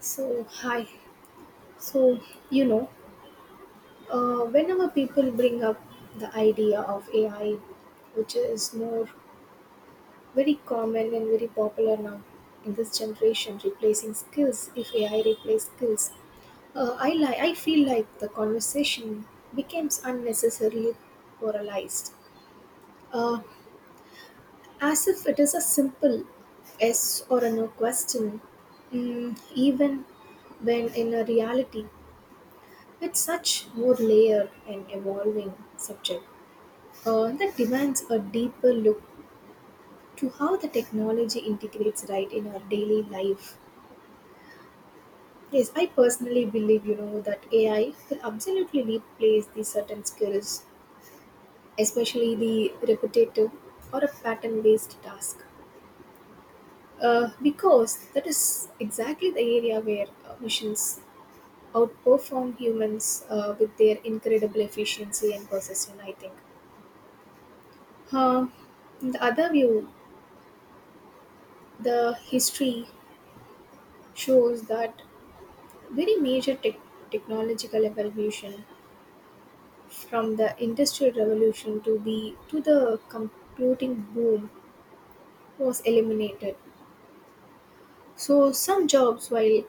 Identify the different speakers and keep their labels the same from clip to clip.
Speaker 1: So, hi. So, you know, Whenever people bring up the idea of AI, which is more very common and very popular now in this generation, replacing skills, if AI replaces skills, I feel like the conversation becomes unnecessarily polarized, uh, as if it is a simple yes or a no question, even when in a reality it's such more layered and evolving subject that demands a deeper look to how the technology integrates right in our daily life. Yes, I personally believe that AI will absolutely replace the certain skills, especially the repetitive or a pattern-based task, because that is exactly the area where machines outperform humans with their incredible efficiency and precision, I think. Uh, the other view, the history shows that very major tech technological evolution from the industrial revolution to the computing boom was eliminated. So some jobs, while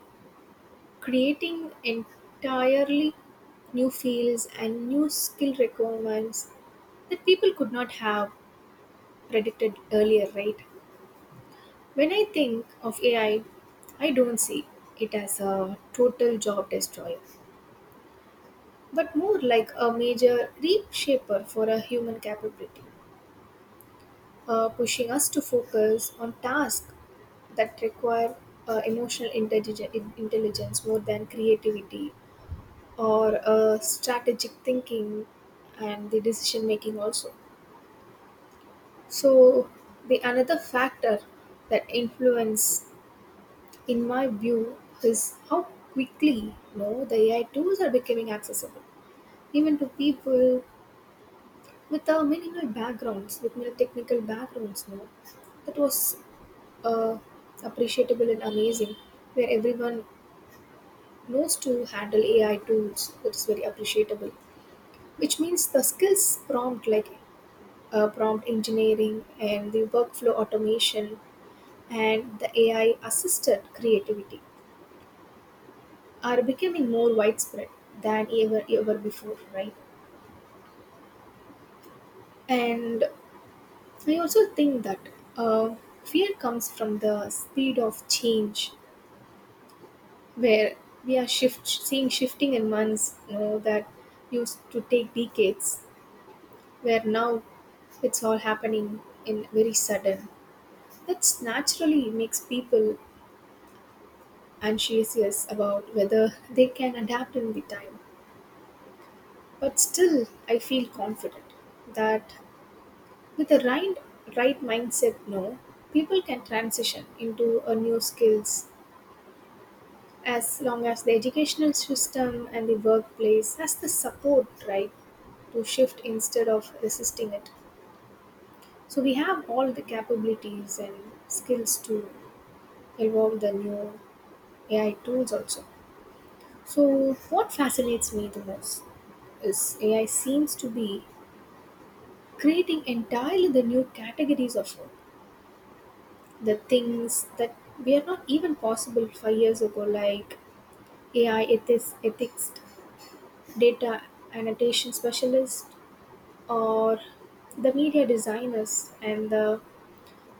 Speaker 1: creating entirely new fields and new skill requirements that people could not have predicted earlier, right? When I think of AI, I don't see it as a total job destroyer, but more like a major reshaper for a human capability, pushing us to focus on tasks that require emotional intelligence more than creativity or strategic thinking and the decision making also. So the another factor that influence, in my view, is how quickly, the AI tools are becoming accessible, even to people with minimal technical backgrounds, you know. That was uh, appreciable and amazing, where everyone knows to handle AI tools. That is very appreciable, which means the skills prompt like prompt engineering and the workflow automation and the AI assisted creativity are becoming more widespread than ever before, right? And I also think that uh, fear comes from the speed of change, where we are shift seeing shifting in months, you know, that used to take decades, where now it's all happening in very sudden. That naturally makes people anxious about whether they can adapt in the time, but still I feel confident that with the right mindset, no, people can transition into a new skills as long as the educational system and the workplace has the support, right, to shift instead of resisting it. So we have all the capabilities and skills to evolve the new AI tools also. So what fascinates me the most is AI seems to be creating entirely the new categories of work, the things that were not even possible 5 years ago, like AI ethics, data annotation specialists, or the media designers and the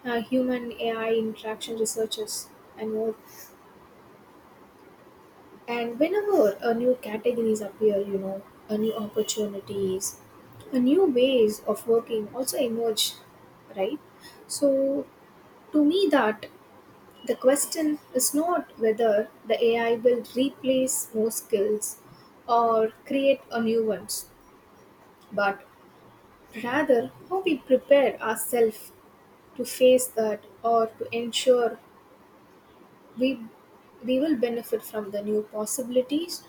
Speaker 1: human AI interaction researchers, and more. And whenever a new categories appear, you know, a new opportunities, a new ways of working also emerge, right? So to me, that the question is not whether the AI will replace more skills or create a new ones, but rather how we prepare ourselves to face that, or to ensure we, we will benefit from the new possibilities,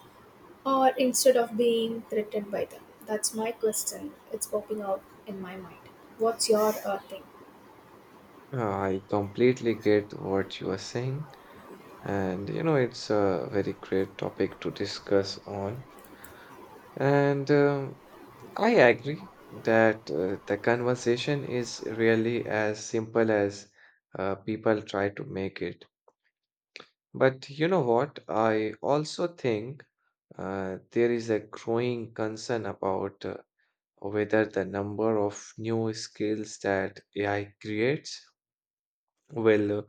Speaker 1: or instead of being threatened by them. That's my question. It's popping out in my mind. What's your thing?
Speaker 2: I completely get what you are saying, and you know, it's a very great topic to discuss on. And I agree that the conversation is really as simple as people try to make it. But you know what? I also think there is a growing concern about whether the number of new skills that AI creates will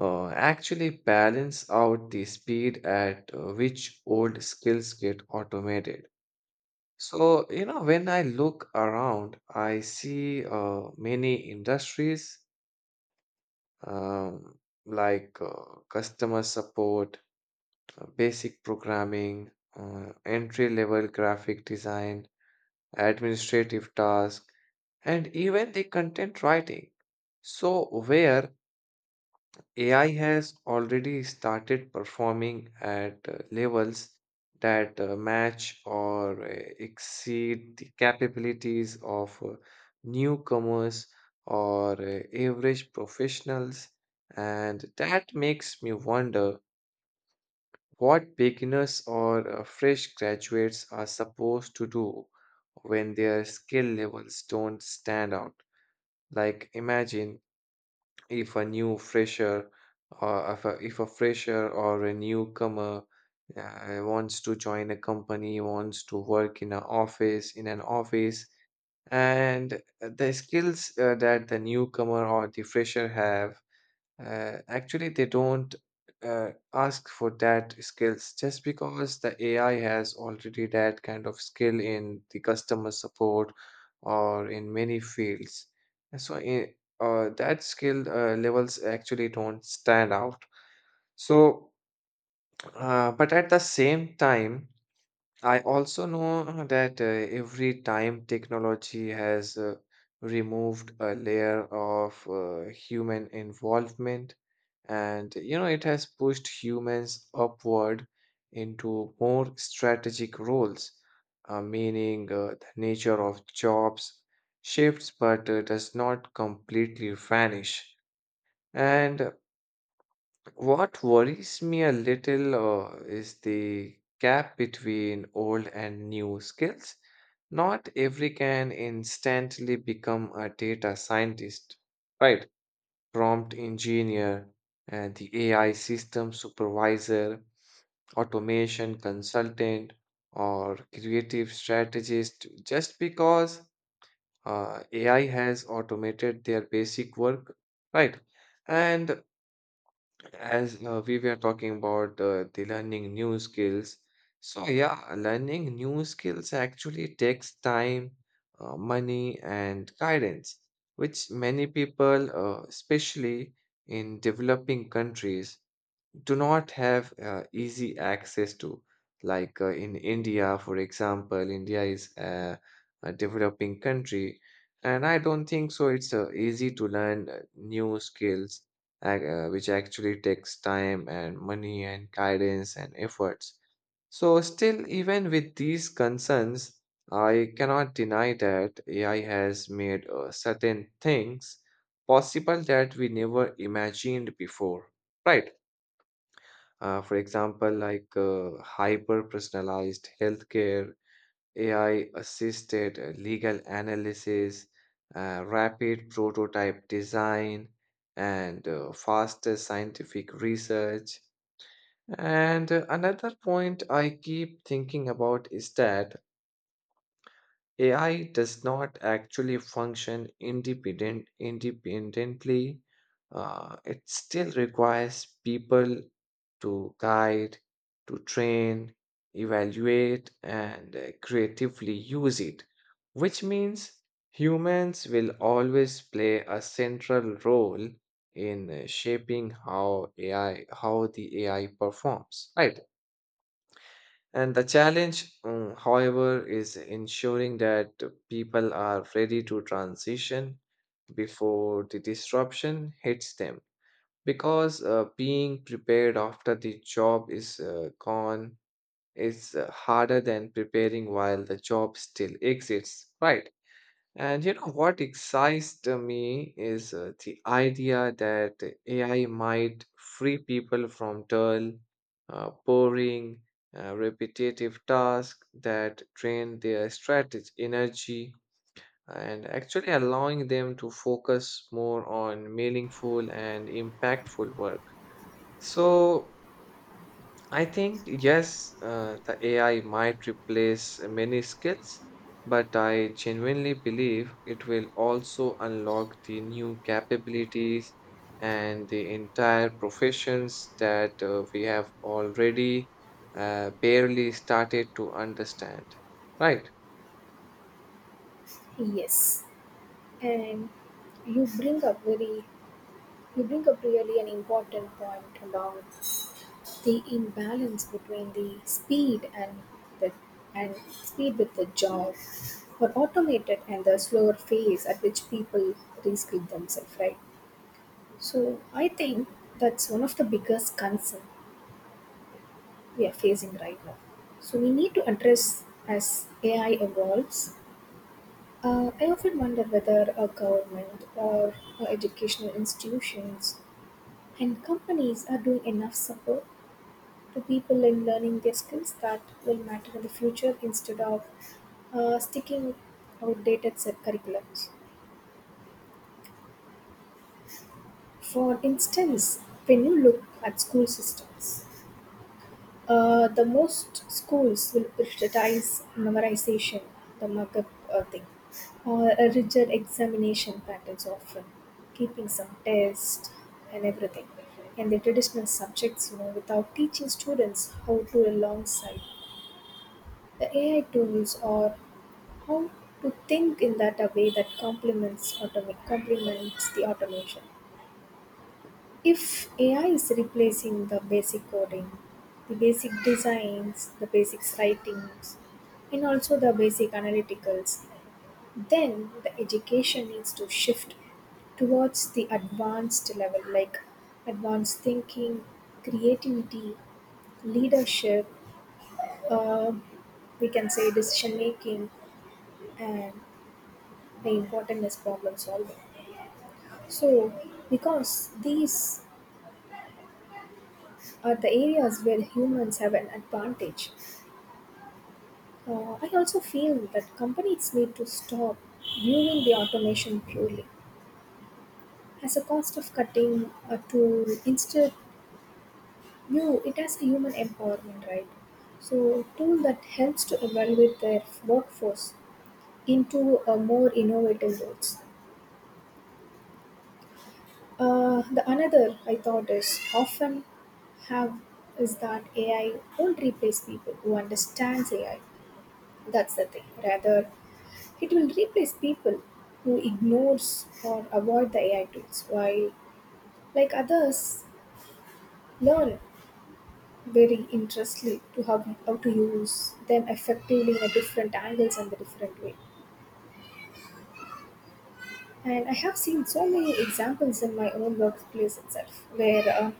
Speaker 2: actually balance out the speed at which old skills get automated. So, you know, when I look around, I see many industries um, like customer support, basic programming, entry level graphic design, administrative tasks, and even the content writing. So, where AI has already started performing at levels that match or exceed the capabilities of newcomers or average professionals, and that makes me wonder what beginners or fresh graduates are supposed to do when their skill levels don't stand out. Like, imagine if a new fresher or if a fresher or a newcomer wants to join a company wants to work in an office and the skills that the newcomer or the fresher have actually, they don't ask for that skills just because the AI has already that kind of skill in the customer support or in many fields. And So, I- that skill levels actually don't stand out. So, but at the same time, I also know that every time technology has removed a layer of human involvement, and you know, it has pushed humans upward into more strategic roles, meaning the nature of jobs shifts but does not completely vanish. And what worries me a little is the gap between old and new skills. Not every can instantly become a data scientist, right? Prompt engineer, and the AI system supervisor, automation consultant, or creative strategist, just because AI has automated their basic work, right? And as we were talking about the learning new skills, so yeah, learning new skills actually takes time, money and guidance, which many people, especially in developing countries, do not have easy access to. Like in India, for example, India is a developing country, and I don't think so. It's easy to learn new skills, which actually takes time and money and guidance and efforts. So, still, even with these concerns, I cannot deny that AI has made certain things possible that we never imagined before, right? For example, like hyper personalized healthcare, AI assisted legal analysis, rapid prototype design, and faster scientific research. And another point I keep thinking about is that AI does not actually function independently. It still requires people to guide, to train, evaluate, and creatively use it, which means humans will always play a central role in shaping how the AI performs, right? And the challenge, however, is ensuring that people are ready to transition before the disruption hits them. Because being prepared after the job is gone is harder than preparing while the job still exists, right? And you know what excites me is the idea that AI might free people from dull, boring, repetitive tasks that drain their strategy, energy, and actually allowing them to focus more on meaningful and impactful work. So, I think, yes, the AI might replace many skills, but I genuinely believe it will also unlock the new capabilities and the entire professions that we have already barely started to understand. Right.
Speaker 1: Yes. And you bring up very you bring up really an important point about the imbalance between the speed and the and speed with the job or automated and the slower phase at which people reskill themselves, right? So I think that's one of the biggest concern we are facing right now. So we need to address as AI evolves. I often wonder whether a government or educational institutions and companies are doing enough support to people in learning their skills that will matter in the future, instead of sticking with outdated set curriculums. For instance, when you look at school systems, the most schools will prioritize memorization, the markup thing, or a rigid examination patterns often, keeping some tests and everything. And the traditional subjects, you know, without teaching students how to alongside the AI tools, or how to think in that a way that complements the automation. If AI is replacing the basic coding, the basic designs, the basic writings, and also the basic analyticals, then the education needs to shift towards the advanced level, like advanced thinking, creativity, leadership, uh, we can say decision making, and the important is problem solving. So, because these are the areas where humans have an advantage, I also feel that companies need to stop viewing the automation purely as a cost of cutting a tool. Instead, view it as a human empowerment, right? So, a tool that helps to evaluate their workforce into a more innovative roles. The another I thought is often have is that AI won't replace people who understands AI. That's the thing. Rather, it will replace people who ignores or avoid the AI tools, while like others learn very interestedly to how to use them effectively in a different angles and the different way. And I have seen so many examples in my own workplace itself, where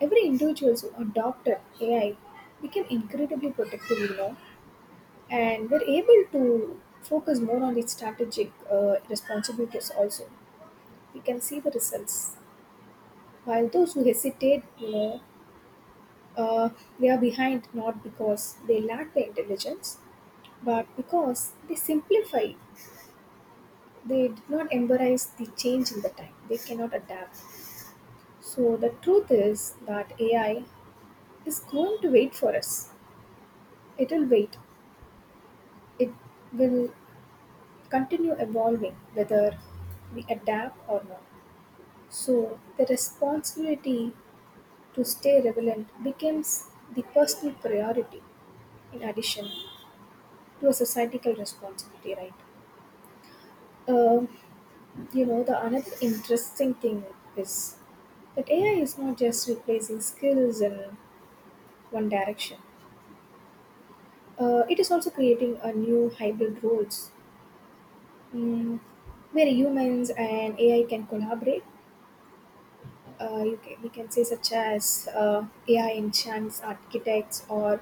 Speaker 1: every individuals who adopted AI became incredibly protective, you know, and were able to focus more on its strategic responsibilities also. We can see the results. While those who hesitate, you know, uh, they are behind not because they lack the intelligence, but because they simplify. They did not embrace the change in the time. They cannot adapt. So the truth is that AI is going to wait for us. It will wait It will continue evolving whether we adapt or not. So, the responsibility to stay relevant becomes the personal priority in addition to a societal responsibility, right? Um, the another interesting thing is that AI is not just replacing skills in one direction. It is also creating a new hybrid roles, mm, where humans and AI can collaborate, we can say, such as AI enhanced architects, or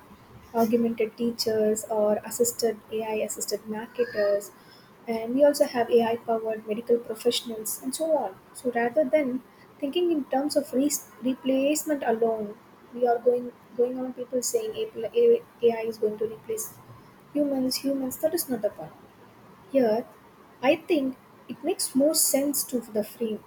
Speaker 1: augmented teachers, or assisted AI assisted marketers, and we also have AI powered medical professionals, and so on. So rather than thinking in terms of replacement alone, we are going on people saying AI is going to replace humans, that is not the point. Here, I think it makes more sense to the frame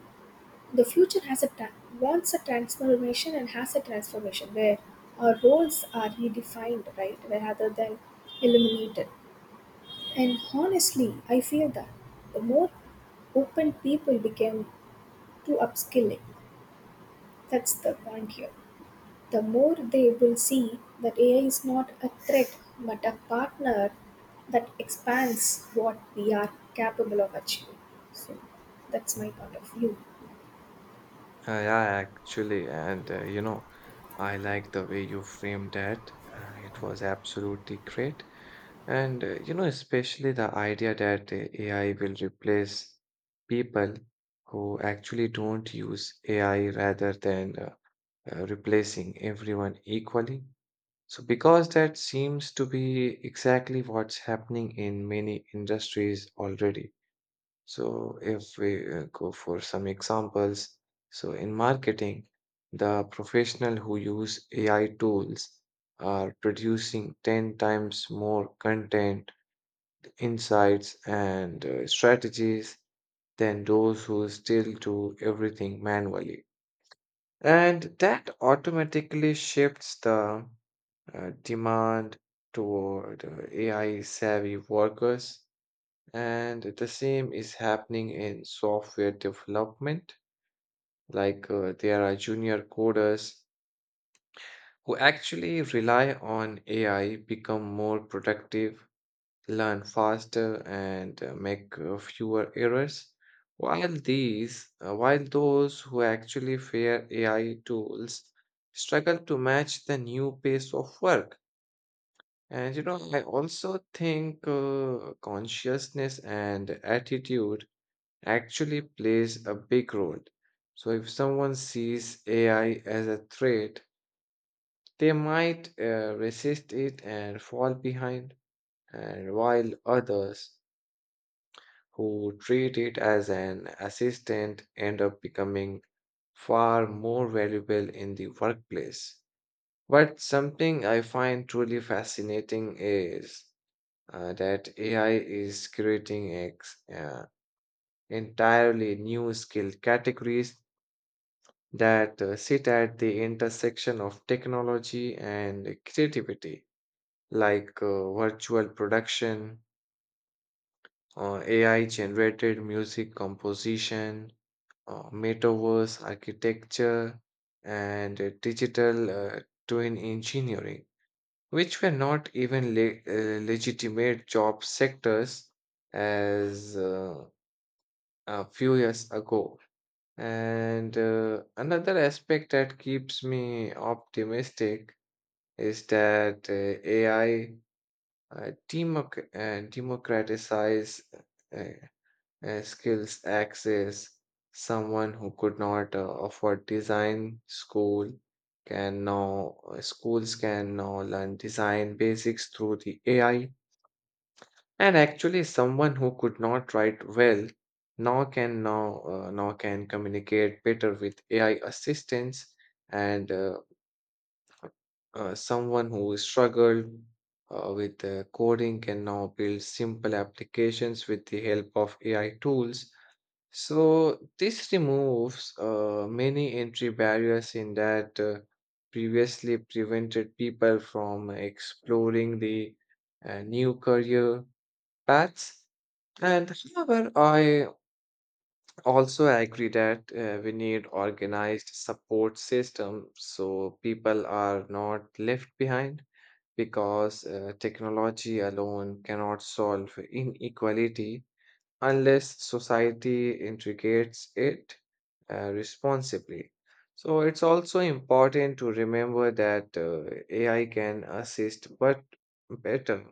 Speaker 1: the future has a ta- wants a transformation and has a transformation where our roles are redefined, right, rather than eliminated. And honestly, I feel that the more open people became to upskilling, that's the point here, the more they will see that AI is not a threat but a partner that expands what we are capable of achieving. So that's
Speaker 2: Uh,
Speaker 1: my point of view.
Speaker 2: yeah, actually, and you know, I like the way you framed that. It was absolutely great. And you know, especially the idea that AI will replace people who actually don't use AI rather than replacing everyone equally. So, because that seems to be exactly what's happening in many industries already. So, if we go for some examples, so in marketing, the professional who use AI tools are producing 10 times more content insights, and strategies than those who still do everything manually. And that automatically shifts the demand toward AI savvy workers. And the same is happening in software development. Like there are junior coders who actually rely on AI become more productive, learn faster, and make fewer errors, while these while those who actually fear AI tools struggle to match the new pace of work. And you know, I also think consciousness and attitude actually plays a big role. So if someone sees AI as a threat, they might resist it and fall behind, and while others who treat it as an assistant end up becoming far more valuable in the workplace. But something I find truly fascinating is that AI is creating entirely new skill categories that sit at the intersection of technology and creativity, like virtual production, AI generated music composition, metaverse architecture, and digital twin engineering, which were not even legitimate job sectors as a few years ago. And another aspect that keeps me optimistic is that AI democratizes skills access. Someone who could not afford design school can now, schools can now learn design basics through the AI. And actually, someone who could not write well now can now now can communicate better with AI assistance. And Someone who struggled with coding can now build simple applications with the help of AI tools. So this removes many entry barriers in that previously prevented people from exploring the new career paths. And however, I also agree that we need organized support system, so people are not left behind, because technology alone cannot solve inequality unless society integrates it responsibly. So it's also important to remember that AI can assist, better,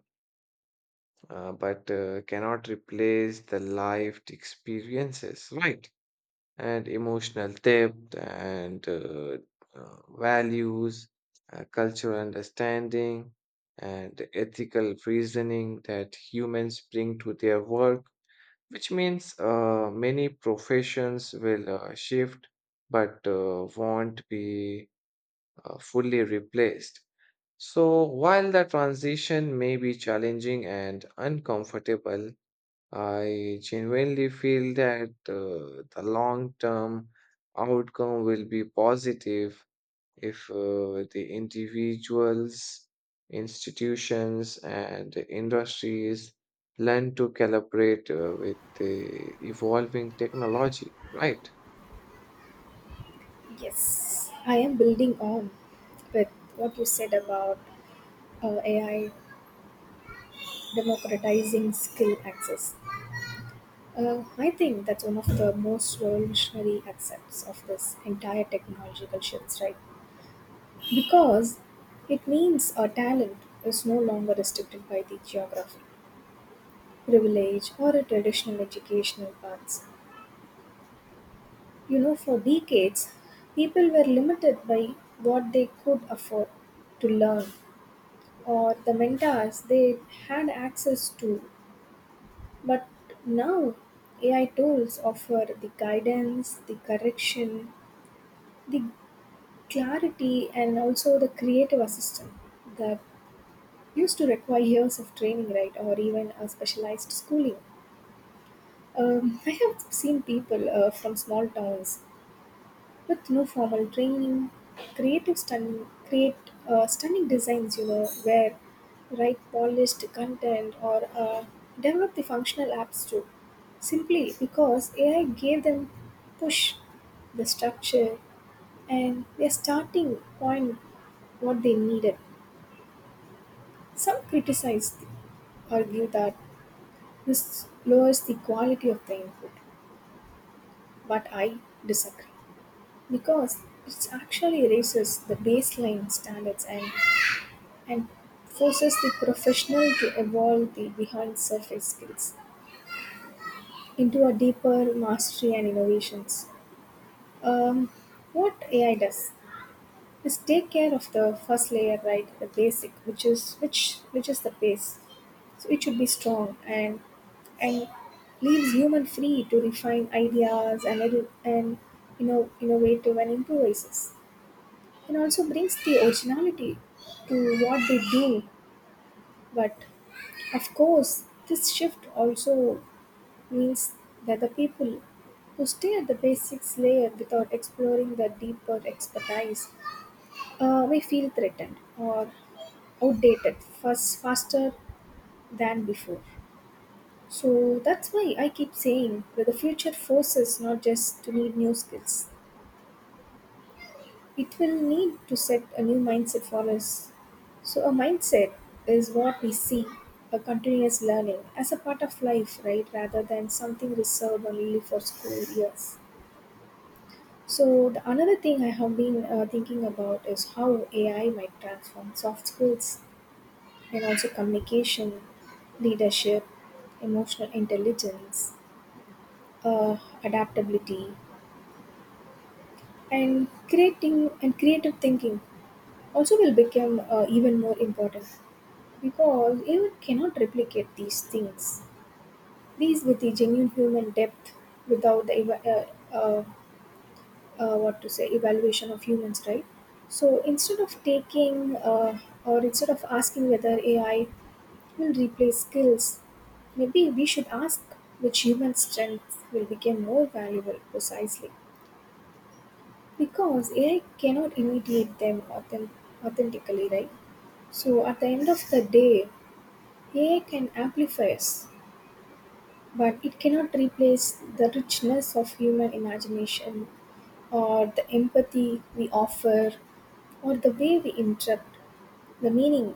Speaker 2: but cannot replace the lived experiences, right? And emotional depth and values, cultural understanding, and ethical reasoning that humans bring to their work, which means many professions will shift but won't be fully replaced. So, while the transition may be challenging and uncomfortable, I genuinely feel that the long term outcome will be positive if the individuals, institutions, and industries learn to collaborate with the evolving technology, right?
Speaker 1: Yes, I am building on with what you said about AI democratizing skill access. I think that's one of the most revolutionary aspects of this entire technological shift, right? Because it means our talent is no longer restricted by the geography, privilege, or a traditional educational paths. You know, for decades, people were limited by what they could afford to learn or the mentors they had access to. But now, AI tools offer the guidance, the correction, the clarity, and also the creative assistance that used to require years of training, right, or even a specialized schooling. I have seen people from small towns with no formal training, create stunning designs, you know, where write polished content, or develop the functional apps too. Simply because AI gave them push, the structure, and their starting point what they needed. Some criticize, argue that this lowers the quality of the input, but I disagree, because it actually raises the baseline standards, and forces the professional to evolve the behind surface skills into a deeper mastery and innovations. Um, what AI does is take care of the first layer, right? The basic, which is the base. So it should be strong, and leaves human free to refine ideas, and, you know, innovative and improvises. And also brings the originality to what they do, but of course, this shift also means that the people who stay at the basics layer without exploring the deeper expertise may feel threatened or outdated faster than before. So that's why I keep saying that the future forces not just to need new skills, it will need to set a new mindset for us. So, a mindset is what we see a continuous learning as a part of life, right? Rather than something reserved only for school years. So, the another thing I have been thinking about is how AI might transform soft skills, and also communication, leadership, emotional intelligence, uh, adaptability, and creative thinking also will become even more important. Because even cannot replicate these things, these with the genuine human depth without the eva- what to say evaluation of humans, right? So instead of taking or instead of asking whether AI will replace skills, maybe we should ask which human strengths will become more valuable precisely because AI cannot imitate them authentically, right? So at the end of the day, AI can amplify us, but it cannot replace the richness of human imagination, or the empathy we offer, or the way we interpret the meaning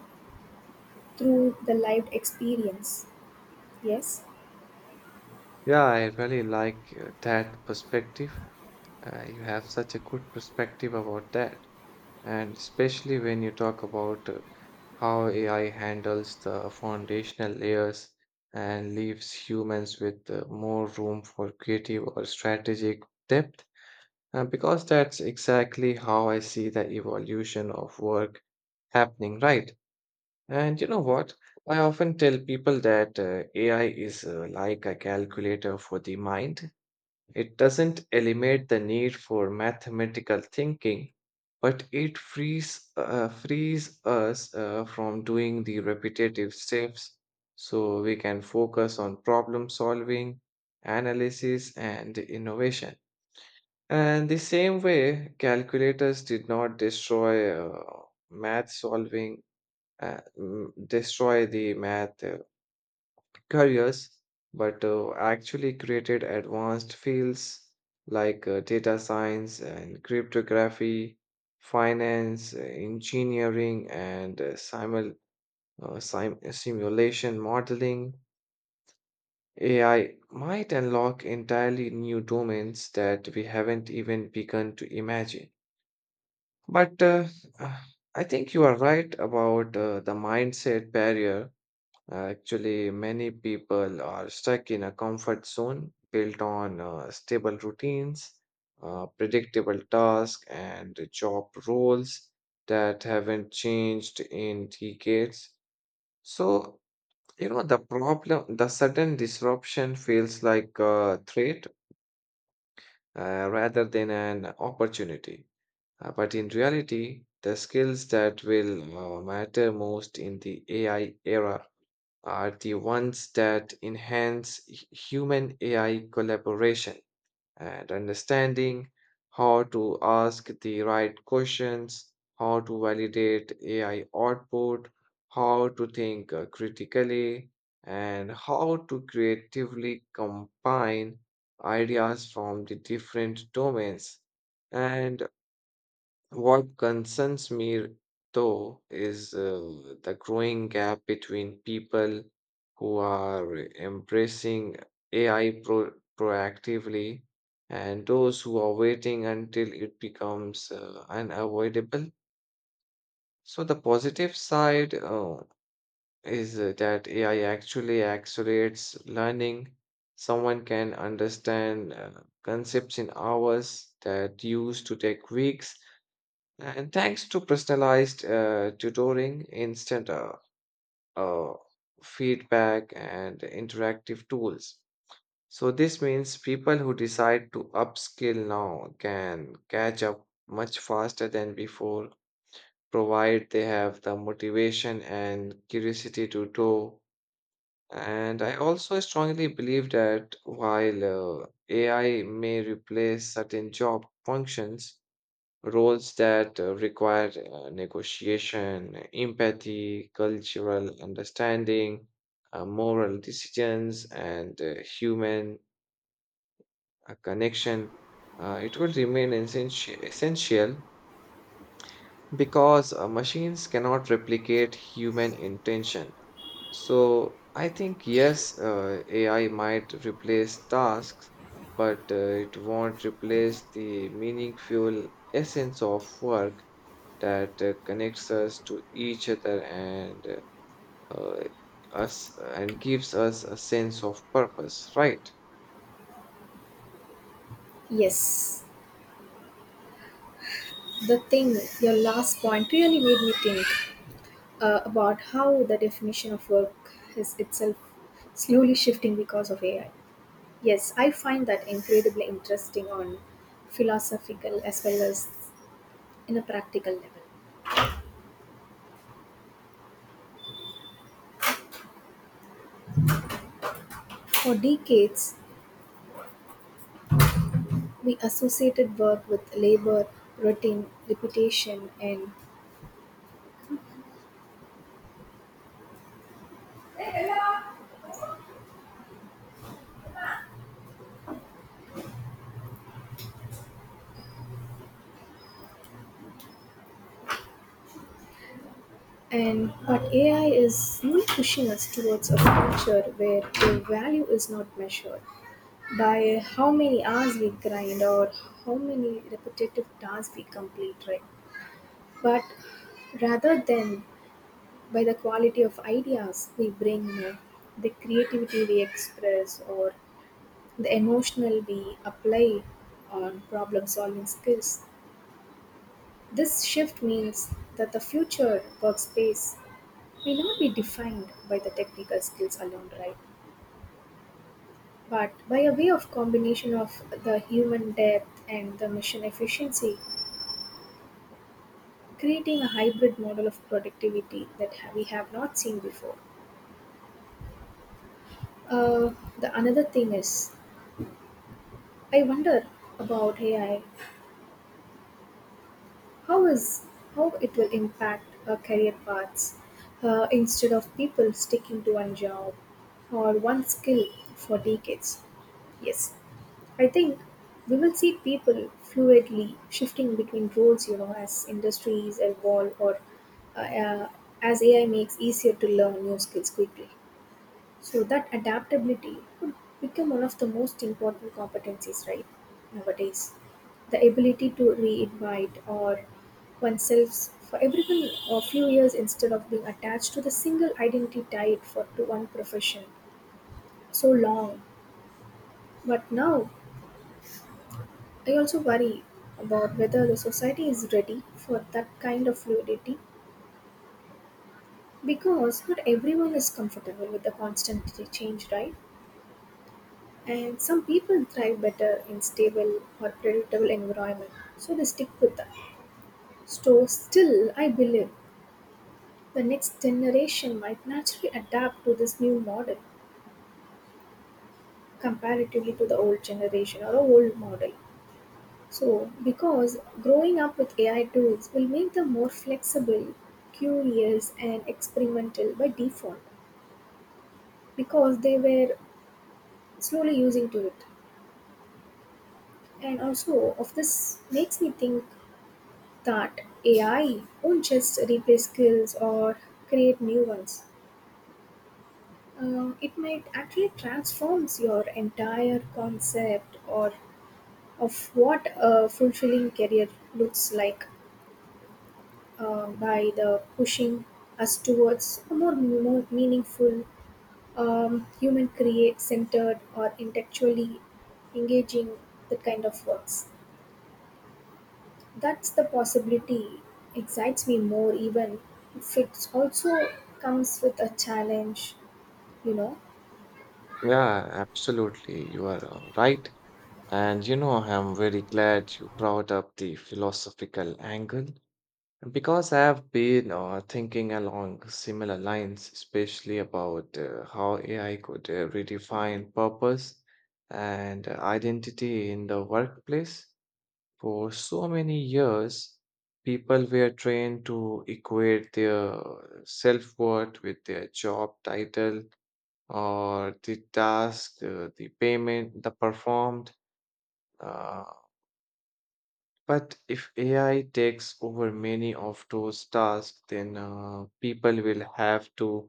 Speaker 1: through the lived experience. Yes?
Speaker 2: Yeah, I really like that perspective. You have such a good perspective about that, and especially when you talk about how AI handles the foundational layers and leaves humans with more room for creative or strategic depth. Because that's exactly how I see the evolution of work happening, right? And you know what? I often tell people that AI is like a calculator for the mind. It doesn't eliminate the need for mathematical thinking, but it frees us from doing the repetitive steps so we can focus on problem solving, analysis, and innovation. And the same way, calculators did not math solving, destroy the math careers, but actually created advanced fields like data science and cryptography, finance, engineering, and simulation modeling. AI might unlock entirely new domains that we haven't even begun to imagine. But uh, I think you are right about the mindset barrier. Actually, many people are stuck in a comfort zone built on stable routines, predictable tasks, and job roles that haven't changed in decades. So, you know, the sudden disruption feels like a threat rather than an opportunity. But in reality, the skills that will matter most in the AI era are the ones that enhance human AI collaboration and understanding how to ask the right questions, how to validate AI output, how to think critically, and how to creatively combine ideas from the different domains. And what concerns me, though, is the growing gap between people who are embracing AI proactively and those who are waiting until it becomes unavoidable. So, the positive side is that AI actually accelerates learning. Someone can understand concepts in hours that used to take weeks, and thanks to personalized tutoring, instant uh, feedback, and interactive tools. So, this means people who decide to upskill now can catch up much faster than before, provided they have the motivation and curiosity to do. And I also strongly believe that while AI may replace certain job functions, roles that require negotiation, empathy, cultural understanding, moral decisions, and human connection. It will essential, because machines cannot replicate human intention. So I think yes, AI might replace tasks, but it won't replace the meaningful essence of work that connects us to each other and uh, us and gives us a sense of purpose, right?
Speaker 1: Yes, the thing, your last point really made me think about how the definition of work is itself slowly shifting because of AI. Yes, I find that incredibly interesting on philosophical as well as in a practical level. For decades, we associated work with labor, routine, repetition, and but AI is really pushing us towards a future where the value is not measured by how many hours we grind or how many repetitive tasks we complete, right? But rather than by the quality of ideas we bring, the creativity we express, or the emotional we apply on problem solving skills. This shift means that the future workspace will not be defined by the technical skills alone, right? But by a way of combination of the human depth and the mission efficiency, creating a hybrid model of productivity that we have not seen before. Uh, the another thing is, I wonder about AI. How is how it will impact our career paths instead of people sticking to one job or one skill for decades. Yes, I think we will see people fluidly shifting between roles, you know, as industries evolve or uh, uh, as AI makes easier to learn new skills quickly. So that adaptability could become one of the most important competencies, right? Nowadays, the ability to reinvite or oneself for everyone a few years instead of being attached to the single identity tied for to one profession so long. But now I also worry about whether the society is ready for that kind of fluidity because not everyone is comfortable with the constant change, right? And some people thrive better in stable or predictable environment, so they stick with that. So still, I believe the next generation might naturally adapt to this new model comparatively to the old generation or the old model. So, because growing up with AI tools will make them more flexible, curious, and experimental by default, because they were slowly using to it. And also, of this makes me think that AI won't just replace skills or create new ones. It might actually transforms your entire concept or of what a fulfilling career looks like. By the pushing us towards a more meaningful, human create centered or intellectually engaging that kind of works. That's the possibility excites me more even if it also comes with a challenge, you know.
Speaker 2: Yeah, absolutely. You are right. And you know, I'm very glad you brought up the philosophical angle because I have been thinking along similar lines, especially about how AI could redefine purpose and identity in the workplace. For so many years, people were trained to equate their self-worth with their job title or the task, the payment, the performed. Uh, but if AI takes over many of those tasks, then people will have to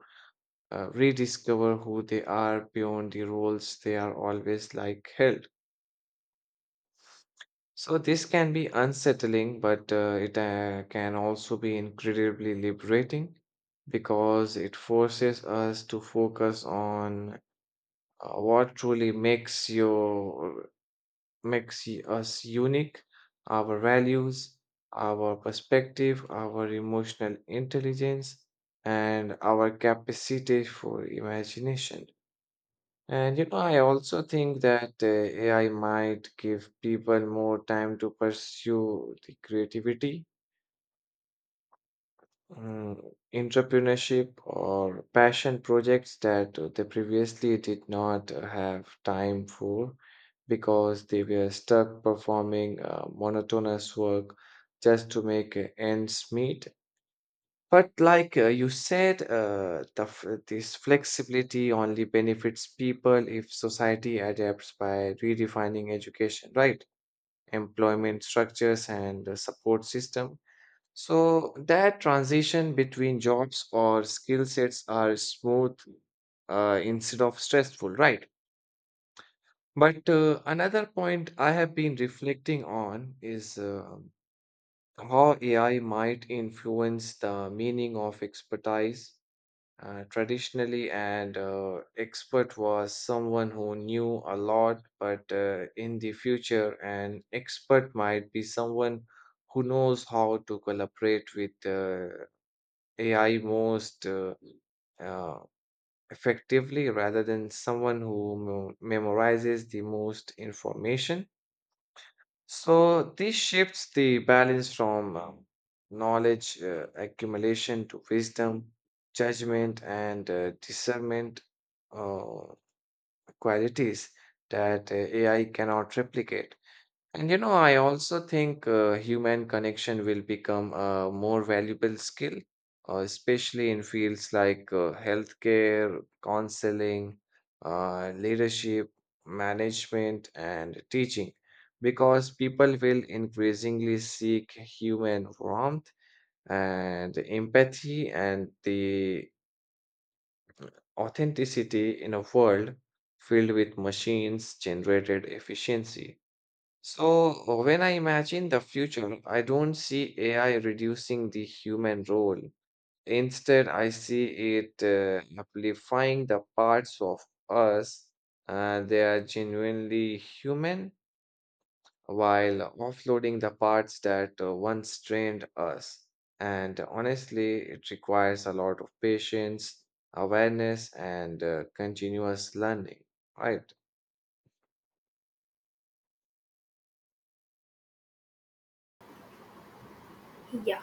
Speaker 2: rediscover who they are beyond the roles they are always like held. So this can be unsettling, but it can also be incredibly liberating because it forces us to focus on what truly us unique, our values, our perspective, our emotional intelligence, and our capacity for imagination. And you know, I also think that AI might give people more time to pursue the creativity, mm, entrepreneurship, or passion projects that they previously did not have time for because they were stuck performing monotonous work just to make ends meet. But like you said, this flexibility only benefits people if society adapts by redefining education, right? Employment structures and support system. So that transition between jobs or skill sets are smooth instead of stressful, right? But another point I have been reflecting on is how AI might influence the meaning of expertise. Traditionally, and expert was someone who knew a lot, but in the future, an expert might be someone who knows how to collaborate with AI most uh, effectively rather than someone who memorizes the most information. So this shifts the balance from knowledge accumulation to wisdom, judgment, and discernment, uh, qualities that AI cannot replicate. And you know, I also think human connection will become a more valuable skill, especially in fields like healthcare, counseling, leadership, management, and teaching, because people will increasingly seek human warmth and empathy and the authenticity in a world filled with machines generated efficiency. So, when I imagine the future, I don't see AI reducing the human role. Instead, I see it amplifying the parts of us they are genuinely human, while offloading the parts that once strained us. And honestly, it requires a lot of patience, awareness, and continuous learning. Right.
Speaker 1: Yeah.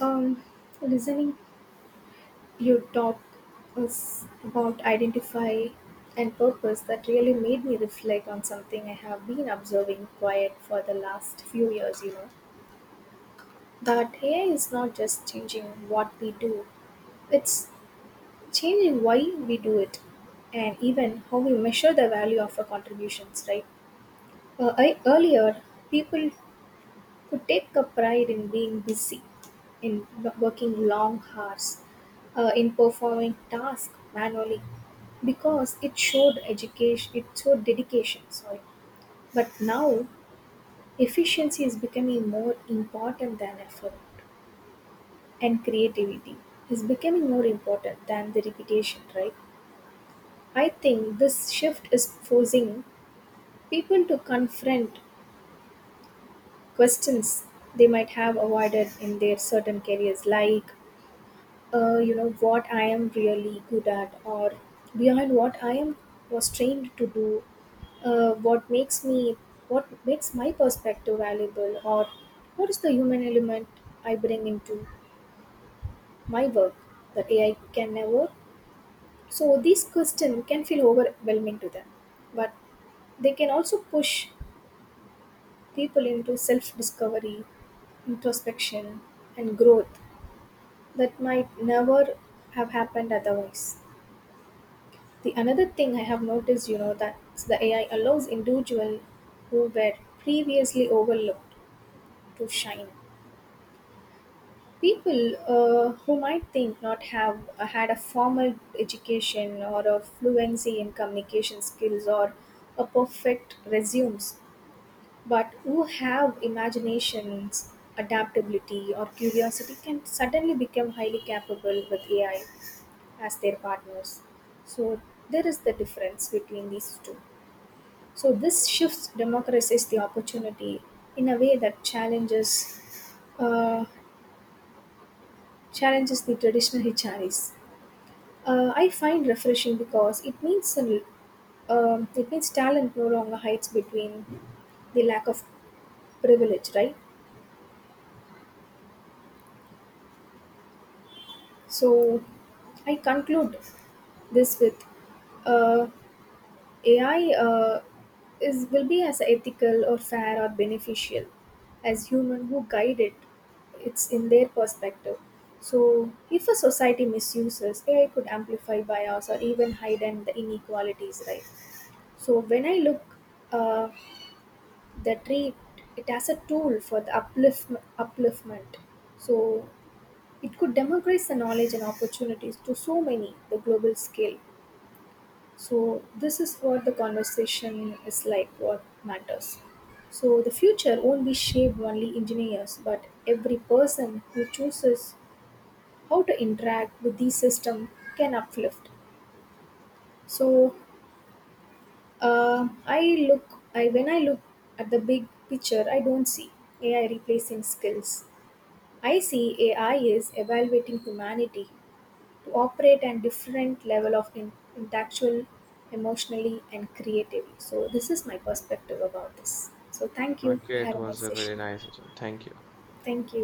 Speaker 1: Um, Listening you talk was about identify and purpose that really made me reflect on something I have been observing quiet for the last few years, you know. That AI is not just changing what we do, it's changing why we do it and even how we measure the value of our contributions, right? Earlier, people who take a pride in being busy, in working long hours, in performing tasks manually, because it showed education, it showed dedication. Sorry, but now efficiency is becoming more important than effort, and creativity is becoming more important than the repetition. Right? I think this shift is forcing people to confront questions they might have avoided in their certain careers, like you know what I am really good at, or behind what I am was trained to do, what makes me what makes my perspective valuable, or what is the human element I bring into my work that AI can never. So these questions can feel overwhelming to them, but they can also push people into self discovery, introspection, and growth that might never have happened otherwise. The another thing I have noticed, you know, that the AI allows individuals who were previously overlooked to shine. People who might think not have had a formal education or a fluency in communication skills or a perfect resumes, but who have imaginations, adaptability, or curiosity can suddenly become highly capable with AI as their partners. So there is the difference between these two. So this shift democratizes the opportunity in a way that uh, challenges the traditional HRs. I find refreshing because it means it means talent no longer hides between the lack of privilege, right? So I conclude this with uh, AI is will be as ethical or fair or beneficial as human who guide it. It's in their perspective. So, if a society misuses AI, could amplify bias or even heighten the inequalities, right? So, when I look uh, the tree, it has a tool for the upliftment. So, it could democratize the knowledge and opportunities to so many the global scale. So this is what the conversation is like, what matters. So the future won't be shaped only engineers, but every person who chooses how to interact with these system can uplift. So I when I look at the big picture, I don't see AI replacing skills. I see AI is evaluating humanity to operate at different level of intellectual, emotionally, and creatively. So this is my perspective about this. So thank you, I
Speaker 2: Okay,
Speaker 1: had
Speaker 2: it
Speaker 1: a
Speaker 2: was
Speaker 1: nice
Speaker 2: a really
Speaker 1: session.
Speaker 2: nice session. Thank you.
Speaker 1: Thank you.